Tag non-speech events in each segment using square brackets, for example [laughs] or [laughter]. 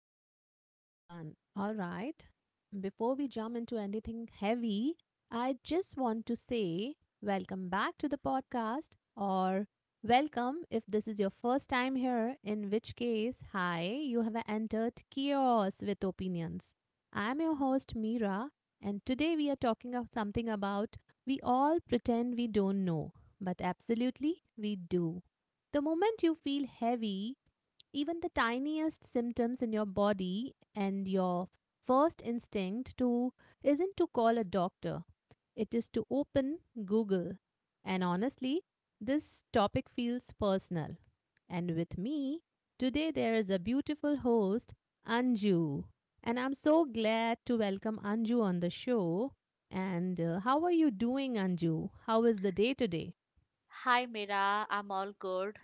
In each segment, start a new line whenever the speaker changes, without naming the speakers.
Hello, everyone. All right. Before we jump into anything heavy, I just want to say welcome back to the podcast, or welcome if this is your first time here, in which case, hi, you have entered Chaos with Opinions. I am your host, Meera, and today we are talking of something about we all pretend we don't know, but absolutely we do. The moment you feel heavy, even the tiniest symptoms in your body and your first instinct to isn't to call a doctor, it is to open Google. And honestly, this topic feels personal. And with me today there is a beautiful host, Anju, and I'm so glad to welcome Anju on the show. And how are you doing, Anju? How is the day today?
Hi Mira, I'm all good.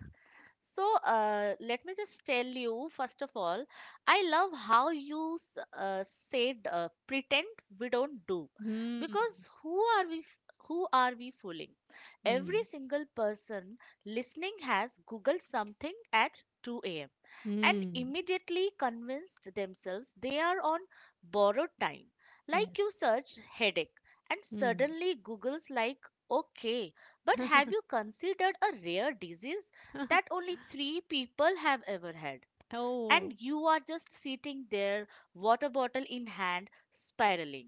So let me just tell you, first of all, I love how you said pretend we don't do,
Hmm.
because who are we? Who are we fooling? Every
Hmm.
single person listening has Googled something at 2 a.m. and
Hmm.
immediately convinced themselves they are on borrowed time. Like you
Yes.
search headache, and
Hmm.
suddenly Google's like, okay, but have you considered a rare disease that
[laughs]
only three people have ever had?
Oh,
And you are just sitting there, water bottle in hand, spiraling.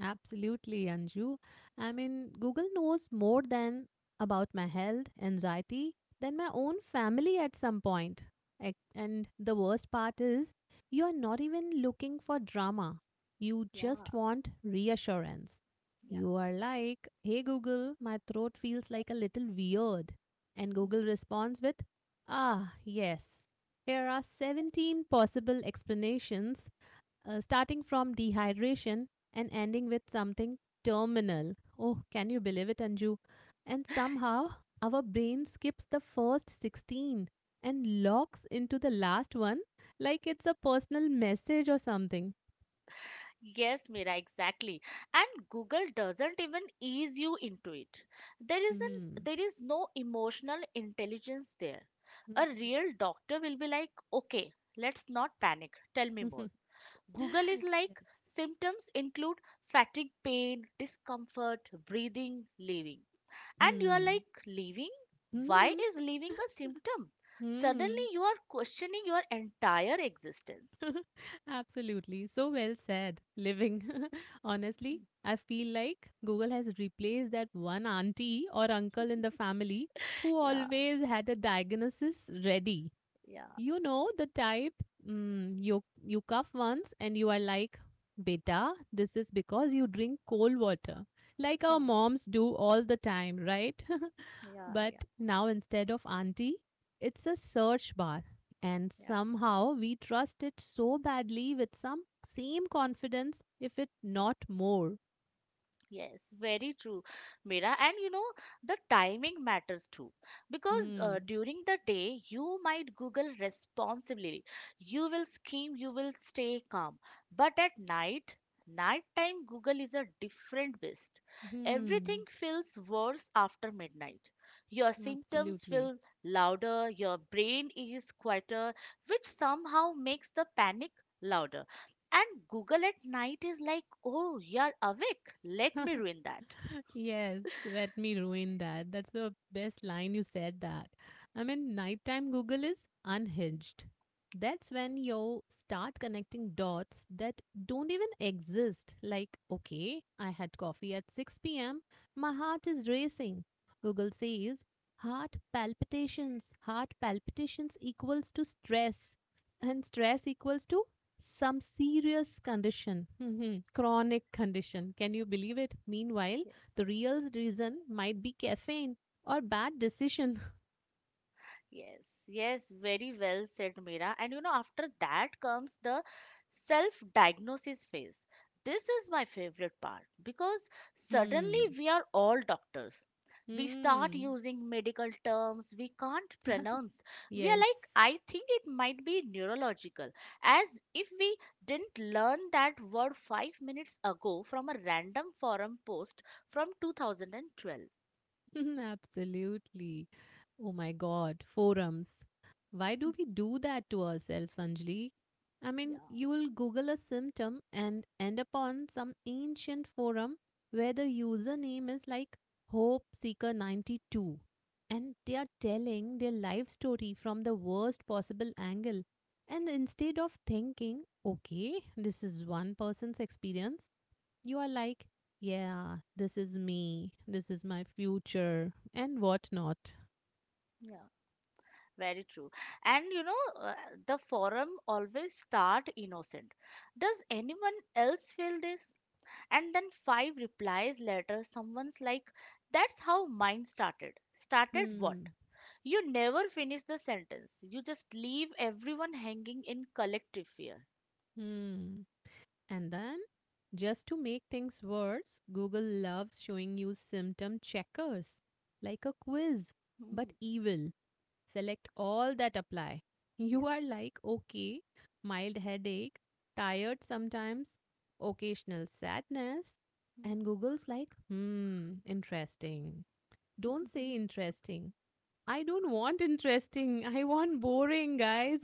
absolutely, Anju. I mean, Google knows more than about my health, anxiety, than my own family at some point. And the worst part is, you are not even looking for drama. You
Yeah,
just want reassurance.
yeah.
You are like, hey Google, my throat feels like a little weird. And Google
Mm.
responds with, ah, yes. Here are 17 possible explanations starting from dehydration and ending with something terminal. Oh, can you believe it, Anju? And somehow our brain skips the first 16 and locks into the last one like it's a personal message or something.
Yes, Mira, exactly. And Google doesn't even ease you into it. There isn't
Hmm.
there is no emotional intelligence there. A
Hmm.
real doctor will be like, okay, let's not panic. Tell me more.
[laughs]
Google is
Yes.
like, symptoms include fatigue, pain, discomfort, breathing, leaving. And you are
Hmm.
like, leaving? Why
Hmm.
is leaving a
[laughs]
symptom?
Hmm.
Suddenly you are questioning your entire existence.
Absolutely. So well said. Living. [laughs] Honestly,
[laughs]
I feel like Google has replaced that one auntie or uncle in the family who
Yeah,
always had a diagnosis ready.
yeah,
You know the type. Mm, you cough once and you are like, "Beta, this is because you drink cold water." Like our
hmm,
moms do all the time, right? [laughs]
yeah, yeah,
But now instead of auntie, it's a search bar. And
yeah.
somehow we trust it so badly with some same confidence, if it not more.
Yes, very true, Mira. And you know, the timing matters too. Because
Hmm.
during the day, you might Google responsibly. You will scheme, you will stay calm. But at night, nighttime Google is a different beast. Everything
Hmm.
feels worse after midnight. Your symptoms
Absolutely.
feel louder, your brain is quieter, which somehow makes the panic louder. And Google at night is like, oh, you're awake. Let me
[laughs]
ruin that.
Yes, let me ruin that. That's the best line you said that. I mean, nighttime Google is unhinged. That's when you start connecting dots that don't even exist. Like, okay, I had coffee at 6 p.m., my heart is racing. Google says, heart palpitations equals to stress, and stress equals to some serious condition, [laughs] chronic condition. Can you believe it? Meanwhile, the real reason might be caffeine or bad decision. [laughs]
Yes, yes, very well said, Meera. And you know, after that comes the self diagnosis phase. This is my favorite part because suddenly
Hmm.
we are all doctors. We start
Hmm.
using medical terms we can't
[laughs]
pronounce. We are like,
Yes.
I think it might be neurological, as if we didn't learn that word 5 minutes ago from a random forum post from 2012.
[laughs] Absolutely. Oh my God, forums. Why do we do that to ourselves, Anjali? I
Yeah,
mean, you will Google a symptom and end up on some ancient forum where the username is like Hope Seeker 92 and they are telling their life story from the worst possible angle. And instead of thinking, okay, this is one person's experience, you are like, yeah, this is me, this is my future, and whatnot.
yeah. Very true. And the forum always start innocent. Does anyone else feel this? And then five replies later, someone's like, that's how mine started. Started what?
Hmm,
You never finish the sentence. You just leave everyone hanging in collective fear.
hmm. And then, just to make things worse, Google loves showing you symptom checkers, like a quiz,
Hmm,
but evil. Select all that apply. [laughs]
yeah.
You are like, okay, mild headache, tired sometimes, occasional sadness. And Google's like, hmm, interesting. Don't say
[laughs]
interesting. I don't want interesting. I want boring, guys.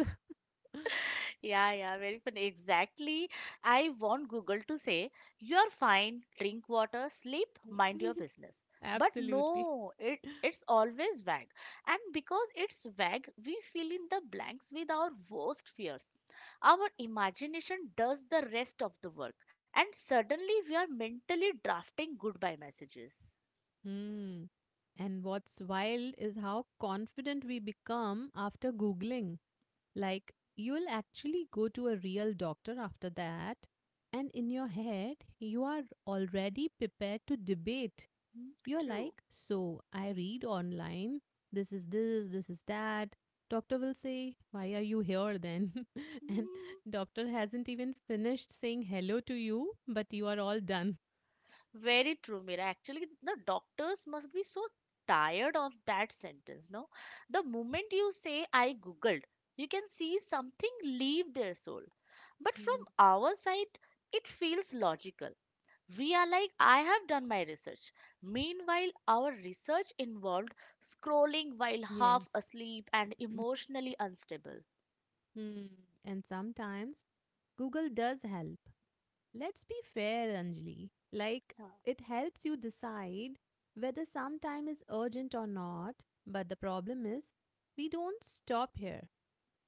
Yeah, yeah, very funny. Exactly. I want Google to say, you're fine, drink water, sleep,
[laughs]
mind your business. But
Absolutely.
no, it's always vague. And because it's vague, we fill in the blanks with our worst fears. Our imagination does the rest of the work. And suddenly we are mentally drafting goodbye messages.
Hmm. And what's wild is how confident we become after Googling. Like, you'll actually go to a real doctor after that, and in your head, you are already prepared to debate.
Hmm,
You're
true.
like, so I read online, this is this, this is that. Doctor will say, why are you here then? [laughs] And
[laughs]
doctor hasn't even finished saying hello to you, but you are all done.
Very true, Mira. Actually, the doctors must be so tired of that sentence, no? The moment you say, I googled, you can see something leave their soul. But from our side, it feels logical. We are like, I have done my research. Meanwhile, our research involved scrolling while half
Yes.
asleep and emotionally unstable.
Hmm. And sometimes Google does help. Let's be fair, Anjali. Like,
Yeah.
it helps you decide whether some time is urgent or not, but the problem is, we don't stop here.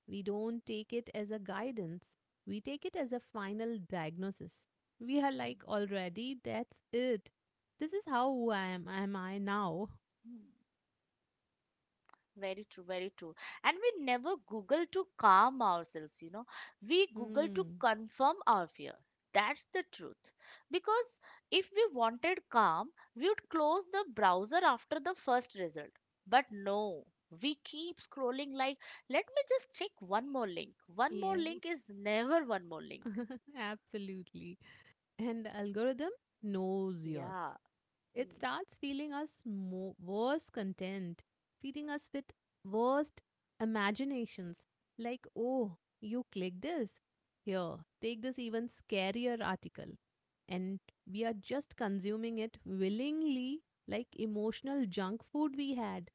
We don't take it as a guidance, we take it as a final diagnosis. We are like, already, that's it. This is how I am I now?
Mm. Very true, very true. And we never Google to calm ourselves, you know. We Google to
Hmm,
confirm our fear. That's the truth. Because if we wanted calm, we would close the browser after the first result. But no, we keep scrolling like, let me just check one more link. One more
yes,
link is never one more link.
[laughs] absolutely. And the algorithm knows
Yeah.
yours. It
Hmm.
starts feeling us more worse content, feeding us with worst imaginations. Like, oh, you click this. Here, take this even scarier article. And we are just consuming it willingly, like emotional junk food we had.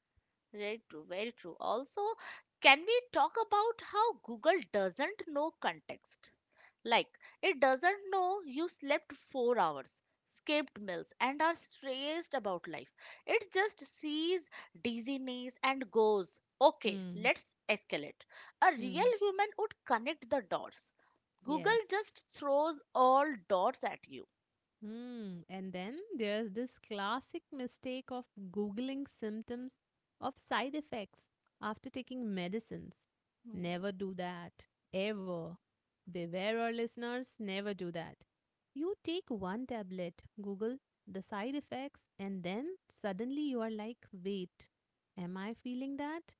Very true, very true. Also, can we talk about how Google doesn't know context? Like, it doesn't know you slept 4 hours, skipped meals, and are stressed about life. It just sees dizziness and goes, okay,
Hmm.
let's escalate. A real
Hmm.
human would connect the dots. Google
Yes.
just throws all dots at you.
Hmm. And then there's this classic mistake of Googling symptoms of side effects after taking medicines.
Hmm,
Never do that. Ever. Beware our listeners, never do that. You take one tablet, Google the side effects, and then suddenly you are like, wait, am I feeling that?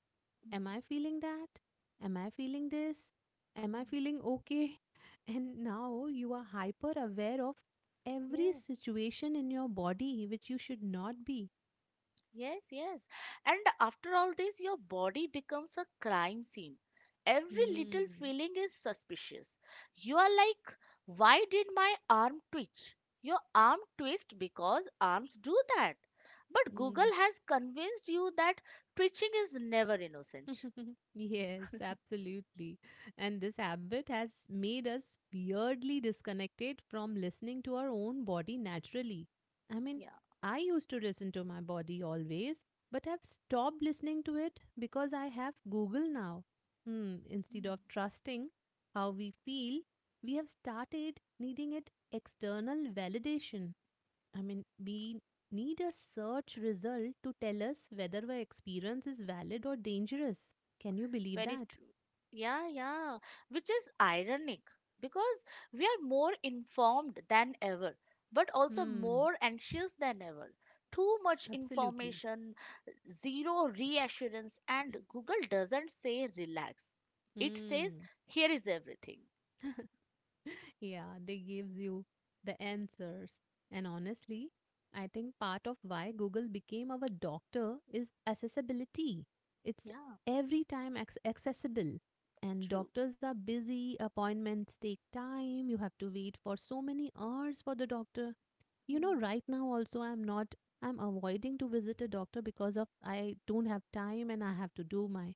Am
hmm,
I feeling that? Am I feeling this? Am I
hmm.
feeling okay? [laughs] And now you are hyper aware of every
Yeah.
situation in your body which you should not be.
Yes, yes. And after all this, your body becomes a crime scene. Every little
Mm.
feeling is suspicious. You are like, why did my arm twitch? Your arm twist because arms do that. But
Mm.
Google has convinced you that twitching is never innocent.
[laughs] Yes, absolutely. And this habit has made us weirdly disconnected from listening to our own body naturally. I mean,
Yeah.
I used to listen to my body always, but I've stopped listening to it because I have Google now. Hmm, instead
Hmm.
of trusting how we feel, we have started needing it external validation. I mean, we need a search result to tell us whether our experience is valid or dangerous. Can you believe
Very
that?
true. Yeah, yeah. Which is ironic because we are more informed than ever, but also
Hmm,
more anxious than ever. Too much
absolutely.
information, zero reassurance, and Google doesn't say relax. It says
Hmm.
here is everything.
[laughs] Yeah, they gives you the answers. And honestly, I think part of why Google became our doctor is accessibility. It's
Yeah,
every time accessible. And
true.
doctors are busy, appointments take time, you have to wait for so many hours for the doctor. You know,
Mm,
right now also I'm not I'm avoiding to visit a doctor because of I don't have time and I have to do my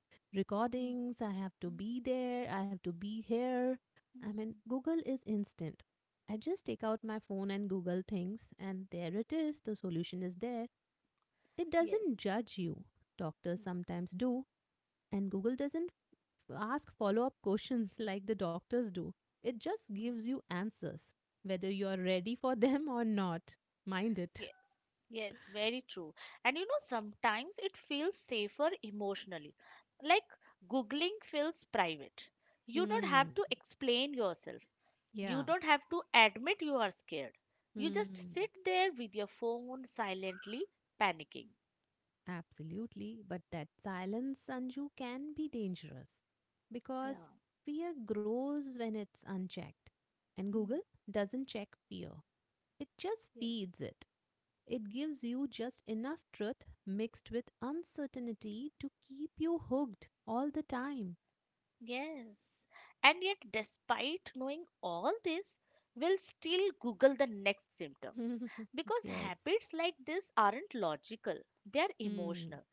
mm,
recordings. I have to
mm,
be there, I have to be here.
mm,
I mean
mm.
Google is instant. I just take out my phone and Google things and there it is, the solution is there. It
Yes.
doesn't judge you, doctors
Mm,
sometimes do. And Google doesn't ask follow up questions [laughs] like the doctors do, it just gives you answers, whether you're ready for them or not. Mind it.
mm. Yes, very true. And you know, sometimes it feels safer emotionally. Like Googling feels private. You don't have
Hmm.
to explain yourself.
Yeah.
You don't have to admit you are scared. You just
Hmm.
sit there with your phone silently panicking.
Absolutely. But that silence, Sanju, can be dangerous because
Yeah.
fear grows when it's unchecked. And
Hmm.
Google doesn't check fear, it just
Yes.
feeds it. It gives you just enough truth mixed with uncertainty to keep you hooked all the time.
Yes. And yet, despite knowing all this, we'll still Google the next symptom,
[laughs]
because habits
Yes.
like this aren't logical, they're
Hmm.
emotional.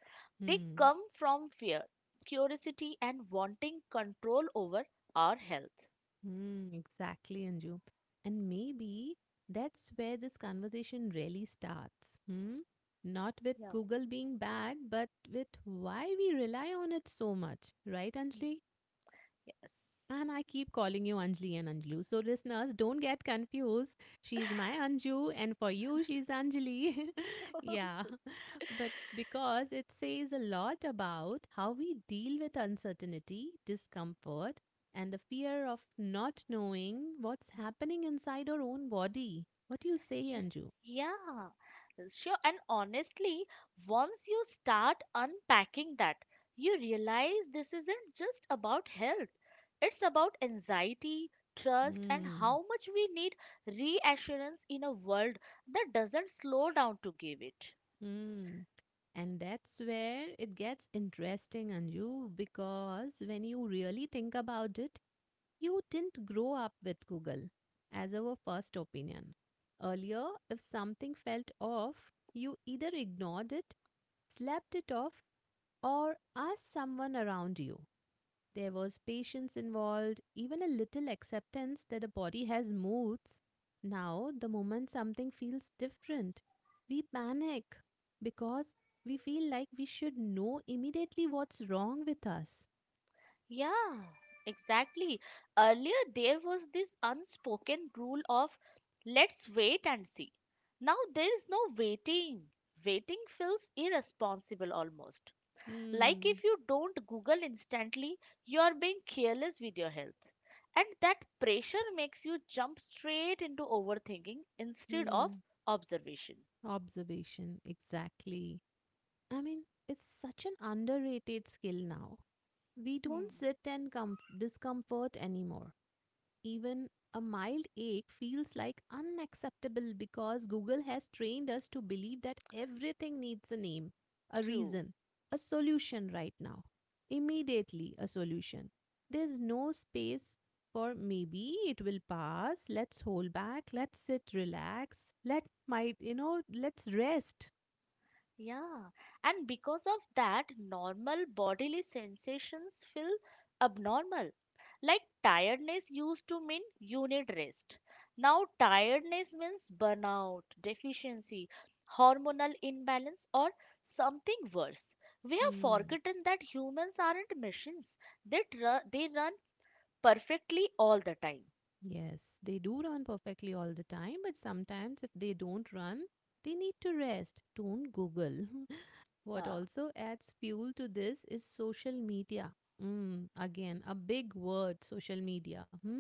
They
Hmm.
come from fear, curiosity, and wanting control over our health.
Hmm. Exactly, Anju. And maybe that's where this conversation really starts. Hmm. Not with
Yeah.
Google being bad, but with why we rely on it so much, right,
Mm.
Anjali?
Yes.
And I keep calling you Anjali and Anjali. So, listeners, don't get confused. She's my Anju, and for you, she's Anjali. [laughs] Yeah.
[laughs]
But because it says a lot about how we deal with uncertainty, discomfort, and the fear of not knowing what's happening inside our own body. What do you say,
Yeah,
Anju?
yeah, sure. And honestly, once you start unpacking that, you realize this isn't just about health, it's about anxiety, trust, and
Hmm.
how much we need reassurance in a world that doesn't slow down to give it.
Hmm. And that's where it gets interesting, Anju, because when you really think about it, you didn't grow up with Google as our first opinion. Earlier, if something felt off, you either ignored it, slept it off, or asked someone around you. There was patience involved, even a little acceptance that the body has moods. Now, the moment something feels different, we panic because we feel like we should know immediately what's wrong with us.
Yeah, exactly. Earlier, there was this unspoken rule of let's wait and see. Now, there is no waiting. Waiting feels irresponsible almost. Like
Hmm.
if you don't Google instantly, you are being careless with your health. And that pressure makes you jump straight into overthinking instead of
Hmm.
observation.
Observation, exactly. I mean, it's such an underrated skill now. We don't
Hmm,
sit in discomfort anymore. Even a mild ache feels like unacceptable because Google has trained us to believe that everything needs a name, a
true.
reason, a solution right now. Immediately, a solution. There's no space for maybe it will pass. Let's hold back. Let's sit, relax. Let my, let's rest.
Yeah, and because of that, normal bodily sensations feel abnormal. Like tiredness used to mean you need rest. Now, tiredness means burnout, deficiency, hormonal imbalance, or something worse. We have
Hmm.
forgotten that humans aren't machines, they, they run perfectly all the time.
Yes, they do run perfectly all the time, but sometimes if they don't run, they need to rest. Don't Google. [laughs] What
Yeah.
also adds fuel to this is social media. Mm, again, a big word, social media. Hmm?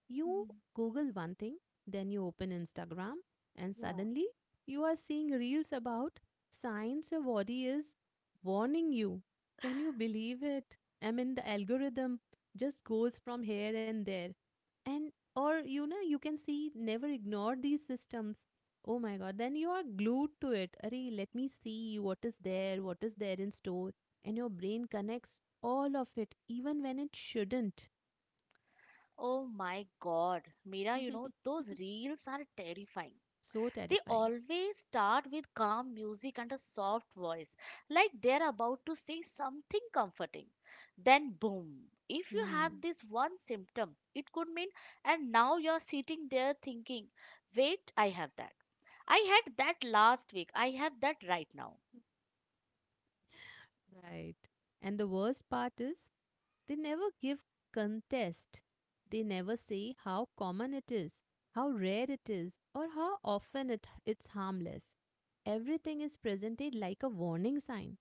You
Mhm.
Google one thing, then you open Instagram, and
Yeah.
suddenly you are seeing reels about signs your body is warning you. Can you believe it? I mean, the
Yeah.
algorithm just goes from here and there. And, or, you know, you can see never ignore these systems. Oh my God, then you are glued to it. Arey, let me see what is there in store. And your brain connects all of it, even when it shouldn't.
Oh my God, Mira, you know,
[laughs]
those reels are terrifying.
So
They
terrifying.
always start with calm music and a soft voice, like they're about to say something comforting. Then, boom, if you have
Hmm,
this one symptom, it could mean, and now you're sitting there thinking, wait, I have that. I had that last week. I have that right now.
right. And the worst part is, they never give contest. They never say how common it is, how rare it is, or how often it's harmless. Everything is presented like a warning sign.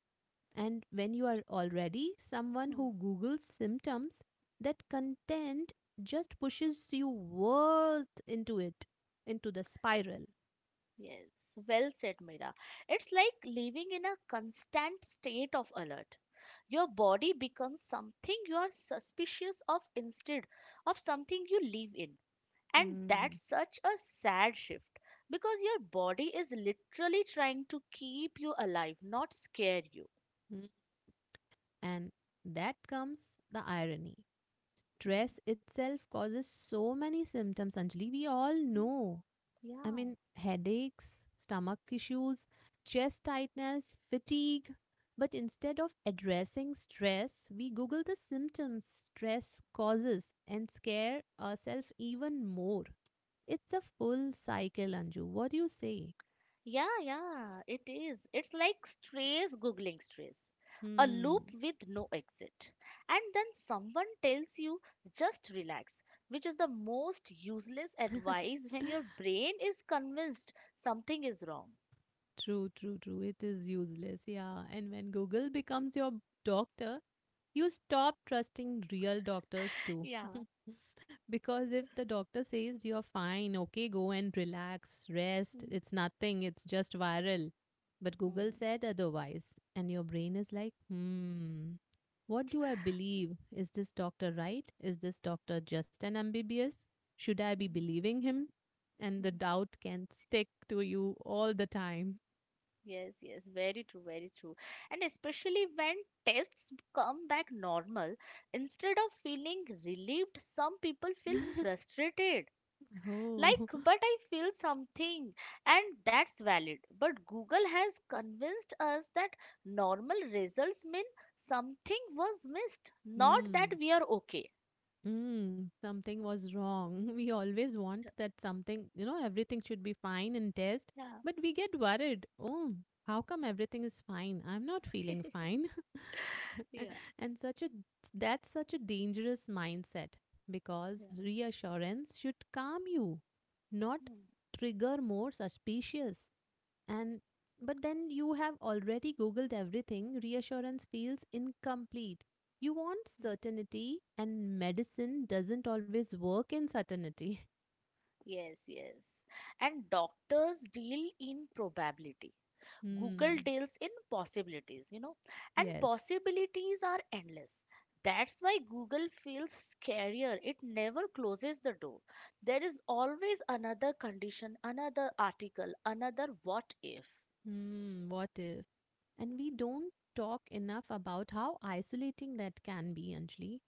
And when you are already someone
Hmm.
who Googles symptoms, that content just pushes you worse into it, into the spiral.
Yes, well said, Mira. It's like living in a constant state of alert. Your body becomes something you are suspicious of instead of something you live in. And that's
Mm,
such a sad shift because your body is literally trying to keep you alive, not scare you.
mm. And that comes the irony.
Hmm.
Stress itself causes so many symptoms, Anjali, we all
Hmm.
know. I
Yeah.
mean, headaches, stomach issues, chest tightness, fatigue. But instead of addressing stress, we Google the symptoms stress causes and scare ourselves even more. It's a full cycle, Anju. What do you say?
Yeah, yeah, it is. It's like stress googling stress, a
Hmm.
loop with no exit. And then someone tells you just relax, which is the most useless
[laughs]
advice when your brain is convinced something is wrong.
True, true, true. It is useless. Yeah. And when Google becomes your doctor, you stop trusting real doctors too.
Yeah.
[laughs] Because if the doctor says you're fine, okay, go and relax, rest,
Hmm.
it's nothing, it's just viral. But
Hmm.
Google said otherwise, and your brain is like, hmm, what do I believe? Is this doctor right? Is this doctor just an MBBS? Should I be believing him? And the
Hmm.
doubt can stick to you all the time.
Yes, yes, very true, very true. And especially when tests come back normal, instead of feeling relieved, some people feel
[laughs]
frustrated. Like,
Oh,
but I feel something, and that's valid. But Google has convinced us that normal results mean something was missed, not that
hmm.
we are okay.
Mm, something was wrong. [laughs] We always want that something, everything should be fine and test,
Yeah,
but we get worried. Oh, how come everything is fine? I'm not feeling
[laughs]
fine. [laughs]
yeah,
and such a That's such a dangerous mindset because
yeah.
reassurance should calm you, not
Hmm,
trigger more suspicious. And but then you have already googled everything, reassurance feels incomplete. You want
hmm.
certainty, and medicine doesn't always work in certainty. [laughs]
Yes, yes. And doctors deal in probability. Google
Hmm.
deals in possibilities, you know, and
Yes.
possibilities are endless. That's why Google feels scarier. It never closes the door. There is always another condition, another article, another what if.
Hmm. What if? And we don't talk enough about how isolating that can be, Anjali,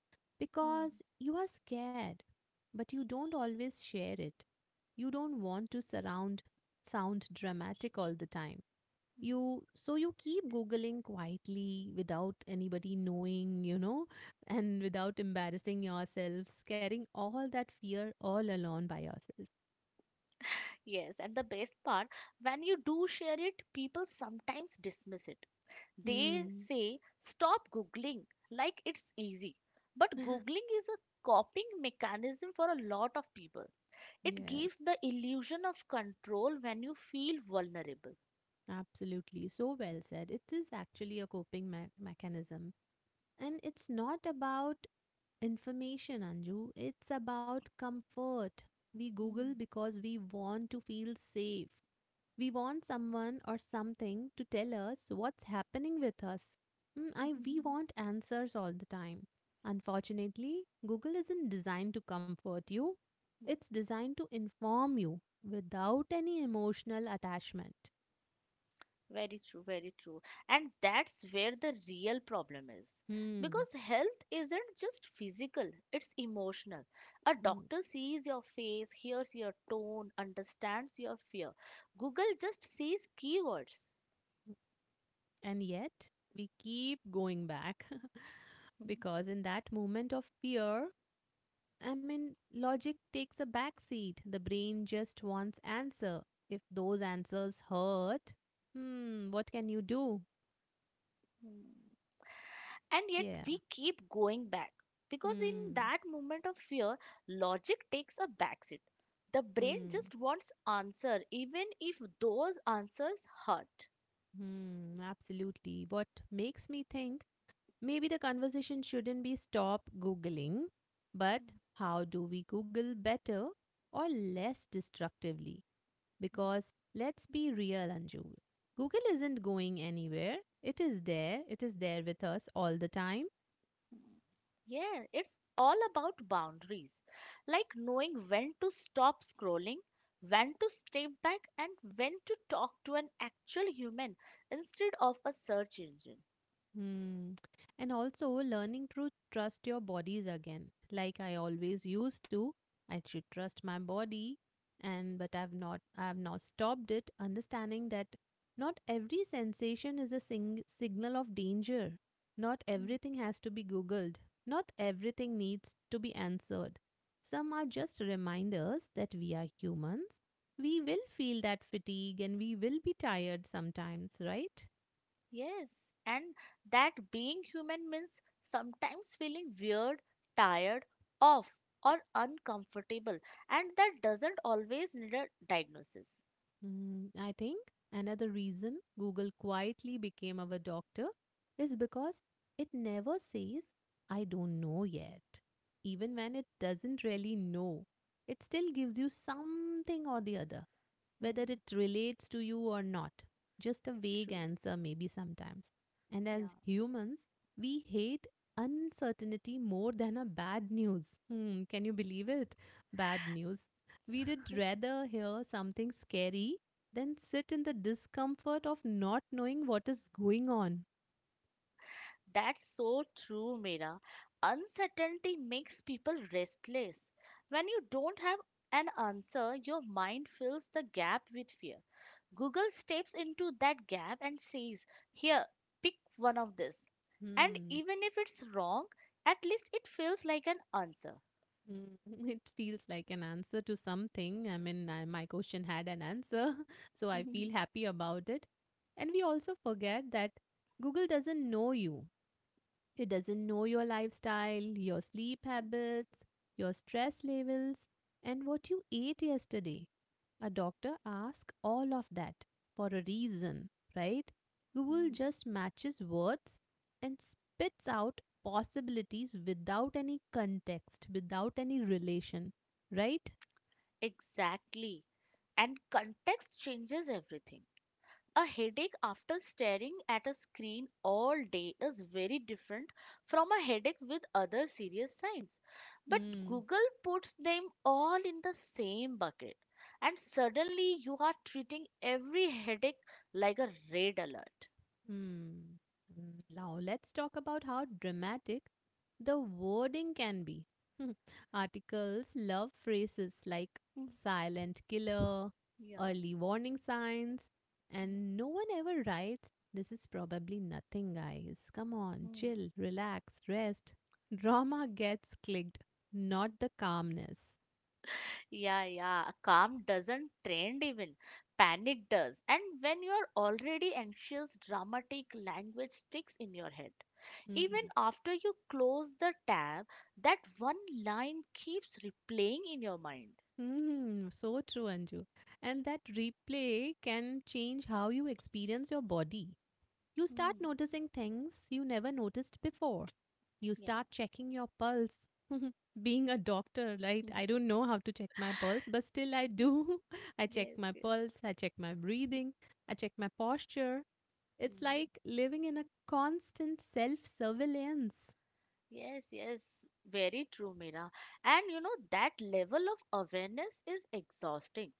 Hmm.
because you are scared, but you don't always share it. You don't want to surround sound dramatic all the time,
Hmm.
you so you keep googling quietly without anybody knowing, you know, and without embarrassing yourselves, carrying all that fear all alone by yourself.
Yes, and the best part, when you do share it, people sometimes dismiss it. They
Hmm.
say, stop Googling, like it's easy. But
[laughs]
Googling is a coping mechanism for a lot of people. It
Yes,
gives the illusion of control when you feel vulnerable.
absolutely, so well said. It is actually a mechanism, and it's not about information, Anju. It's about comfort. We Google
Mm.
because we want to feel safe. We want someone or something to tell us what's happening with us. Mm, we want
[laughs]
answers all the time. Unfortunately, Google isn't designed to comfort you, it's designed to inform you without any emotional attachment.
Very true, very true. And that's where the real problem is.
Hmm.
Because health isn't just physical, it's emotional. A
Hmm.
doctor sees your face, hears your tone, understands your fear. Google just sees keywords.
And yet, we keep going back [laughs] because in that moment of fear, I mean, logic takes a back seat. The brain just wants answer. If those answers hurt, hmm, what can you do?
[laughs] And yet
Yeah.
we keep going back, because in
Hmm.
that moment of fear, logic takes a backseat. The brain
Hmm.
just wants answer, even if those answers hurt.
Hmm. Absolutely. What makes me think maybe the conversation shouldn't be stop Googling, but how do we Google better or less destructively? Because let's be real, Anju. Google isn't going anywhere. It is there. It is there with us all the time.
Yeah, it's all about boundaries, like knowing when to stop scrolling, when to step back, and when to talk to an actual human instead of a search engine.
Hmm. And also learning to trust your bodies again. Like I always used to, I should trust my body, and but I've not stopped it understanding that not every sensation is a signal of danger. Not everything has to be googled. Not everything needs to be answered. Some are just reminders that we are humans. We will feel that fatigue and we will be tired sometimes, right?
Yes, and that being human means sometimes feeling weird, tired, off, or uncomfortable, and that doesn't always need a diagnosis.
Mm, I think another reason Google quietly became our doctor is because it never says, I don't know yet. Even when it doesn't really know, it still gives you something or the other, whether
Hmm,
it relates to you or not. Just a vague
true.
answer, maybe sometimes. And
Yeah.
as humans, we hate uncertainty more than a bad news. Hmm, can you believe it? Bad news. We'd rather hear something scary than sit in the discomfort of not knowing what is going on.
That's so true, Mira. Uncertainty makes people restless. When you don't have an answer, your mind fills the gap with fear. Google steps into that gap and says, here, pick one of this. And
Hmm.
even if it's wrong, at least it feels like an answer. [laughs]
Mm, [laughs] it feels like an answer to something. My question had an answer, [laughs] so I feel happy about it. And we also forget that Google doesn't know you. It doesn't know your lifestyle, your sleep habits, your stress levels, and what you ate yesterday. A doctor asks all of that for a reason, right? Google
Hmm,
just matches words and spits out possibilities without any context, without any relation, right?
exactly. And context changes everything. A headache after staring at a screen all day is very different from a headache with other serious signs. But
Hmm.
Google puts them all in the same bucket, and suddenly you are treating every headache like a red alert.
Hmm. Mm, now let's talk about how dramatic the wording can be. [laughs] Articles love phrases like
Mm,
silent killer,
yeah.
early warning signs, and no one ever writes, this is probably nothing, guys. Come on,
Mhm.
chill, relax, rest. [laughs] Drama gets clicked, not the calmness.
Yeah, yeah. Calm doesn't trend even. Panic does. And when you're already anxious, dramatic language sticks in your head. Even
Mm.
after you close the tab, that one line keeps replaying in your mind.
Mm, [laughs] so true, Anju. And that replay can change how you experience your body. You start
Hmm.
noticing things you never noticed before. You
Yeah.
start checking your pulse. [laughs] Being a doctor, right? I
[laughs]
don't know how to check my pulse, but still I
Yeah.
do. [laughs] I check
Yes,
my
yes.
pulse, I check my breathing, I check my posture. It's
Hmm.
like living in a constant self surveillance.
Yes, yes, very true, Meera. And you know, that level of awareness is exhausting.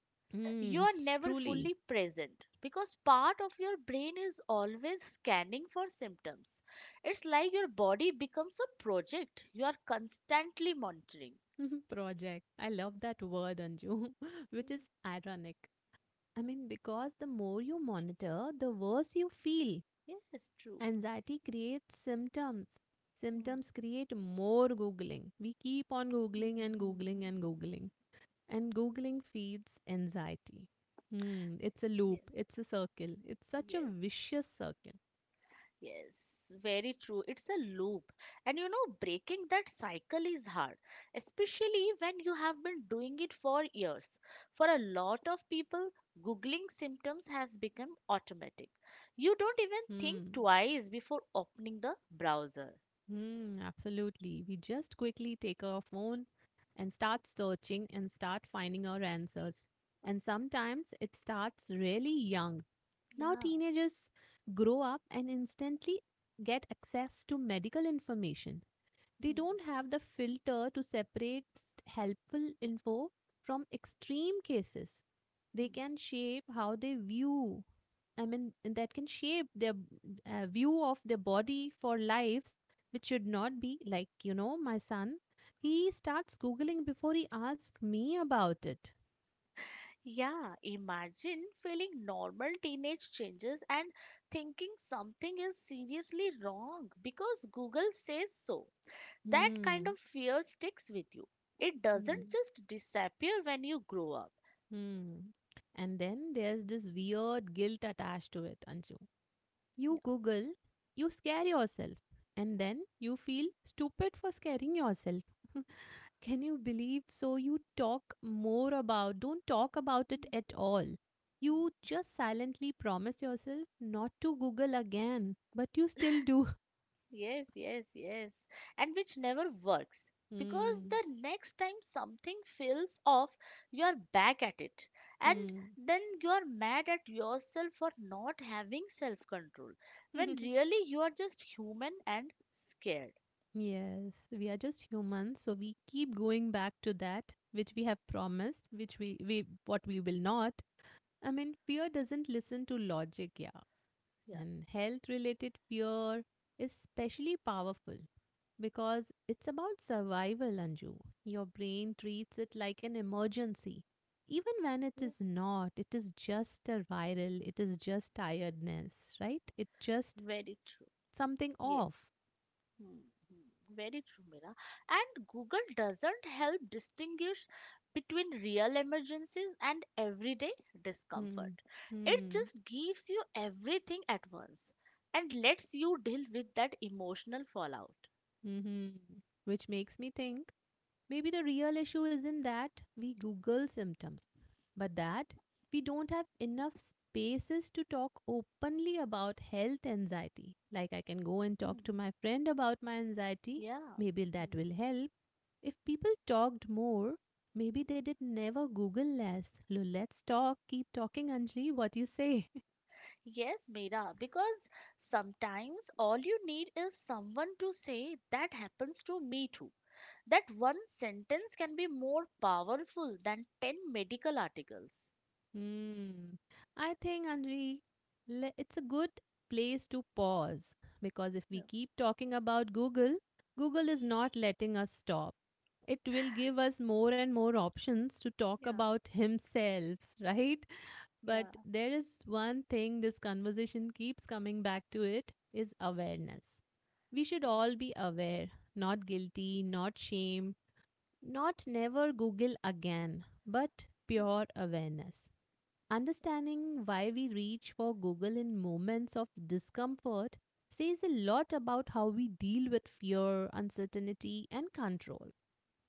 You
Mm,
are never
truly.
fully present because part of your brain is always scanning for symptoms. It's like your body becomes a project you are constantly monitoring.
[laughs] Project. I love that word, Anju, [laughs] which
Mhm.
is ironic. I mean, because the more you monitor, the worse you feel.
Yes, true.
Anxiety creates symptoms.
Hmm.
Symptoms create more Googling. We keep on
[laughs]
Googling
Hmm,
and
hmm,
Googling
hmm,
and
hmm, hmm.
Googling. And Googling feeds anxiety. Hmm, it's a loop,
Yes,
it's a circle. It's such a
yes,
vicious circle.
yes. Very true. It's a loop. And you know, breaking that cycle is hard, especially when you have been doing it for years. For a lot of people, Googling symptoms has become automatic. You don't even think
Hmm.
twice before opening the browser.
Hmm, absolutely. We just quickly take our phone and start searching and start finding our answers. And sometimes it starts really young. Now,
Yeah.
teenagers grow up and instantly get access to medical information, they
Hmm,
don't have the filter to separate helpful info from extreme cases. They
hmm.
can shape how they view, I mean, and that can shape their view of their body for lives, which should not be like, you know, my son. He starts Googling before he asks me about it.
Yeah, imagine feeling normal teenage changes and thinking something is seriously wrong because Google says so. That kind
Hmm.
of fear sticks with you. It doesn't
Hmm.
just disappear when you grow up.
Hmm. And then there's this weird guilt attached to it, Anju.
Yeah.
You Google, you scare yourself, and then you feel stupid for scaring yourself. Can you believe? So, you talk more about, don't talk about it at all. You just silently promise yourself not to Google again, but you still do. [laughs]
Yes, yes, yes. And which never works, because
Hmm.
the next time something feels off, you are back at it. And
Hmm.
then you are mad at yourself for not having self control when
[laughs]
really you are just human and scared.
Yes, we are just humans, so we keep going back to that which we have promised, which we what we will not. I mean, fear doesn't listen to logic, yeah.
Yeah,
And health related fear is especially powerful because it's about survival, Anju. Your brain treats it like an emergency. Even when it
yeah,
is not, it is just a viral, it is just tiredness, right? It just
very true.
something
Yes.
off.
Hmm, hmm. Very true, Mira. And Google doesn't help distinguish between real emergencies and everyday
Hmm.
discomfort. It
Hmm.
just gives you everything at once and lets you deal with that emotional fallout.
Mm-hmm. Which makes me think, maybe the real issue isn't that we Google symptoms, but that we don't have enough spaces to talk openly about health anxiety. Like, I can go and talk to
Hmm,
my friend about my anxiety,
yeah.
maybe that
Hmm.
will help. If people talked more, maybe they did never Google less. Let's talk, keep talking, Anjali, what you say?
Yes, Mira, because sometimes all you need is someone to say that happens to me too. That one sentence can be more powerful than 10 medical articles.
Hmm. I think, Anjali, it's a good place to pause because if we keep talking about Google, Google is not letting us stop. It will give us more and more options to talk
Yeah,
about himself, [laughs] right?
yeah,
But there is one thing this conversation keeps coming back to, it is awareness. We should
yeah,
all be aware, not guilty, not shame, not never Google again, but pure awareness. Understanding why we reach for Google in moments of discomfort says a lot about how we deal with fear, uncertainty, and control.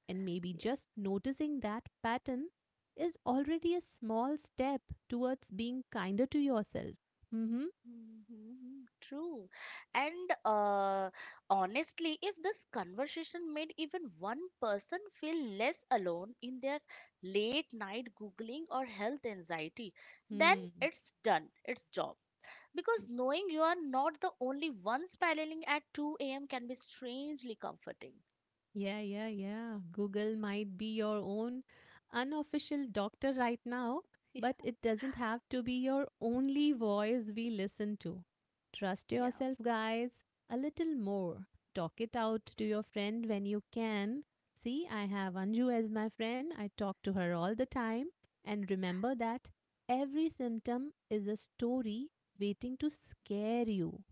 And maybe
yeah.
just noticing that pattern is already a small step towards being kinder to yourself. Mm-hmm.
Mm-hmm, true. And honestly, if this conversation made even one person feel less alone in their late night Googling or health anxiety, then
Hmm.
it's done, its job. Because knowing you are not the only one spiraling at 2 a.m. can be strangely comforting.
Yeah, yeah, yeah. Google might be your own unofficial doctor right now, but
[laughs]
it doesn't have to be your only voice we listen to. Trust
Yeah.
yourself, guys, a little more. Talk it out to your friend when you can. See, I have Anju as my friend. I talk to her all the time. And remember that every symptom is a story waiting to scare you.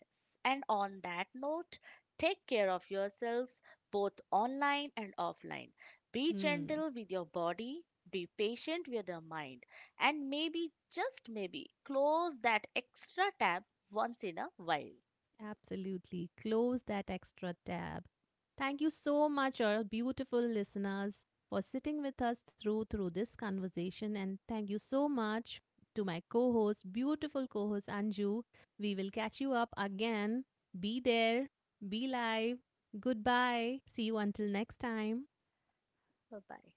Yes. And on that note, take care of yourselves both online and offline. Be
Hmm.
gentle with your body, be patient with your mind, and maybe, just maybe, close that extra tab once in a while.
Absolutely. Close that extra tab. Thank you so much, our beautiful listeners, for sitting with us through this conversation. And thank you so much to my co-host, beautiful co-host Anju. We will catch you up again. Be there. Be live. Goodbye. See you until next time.
Bye bye.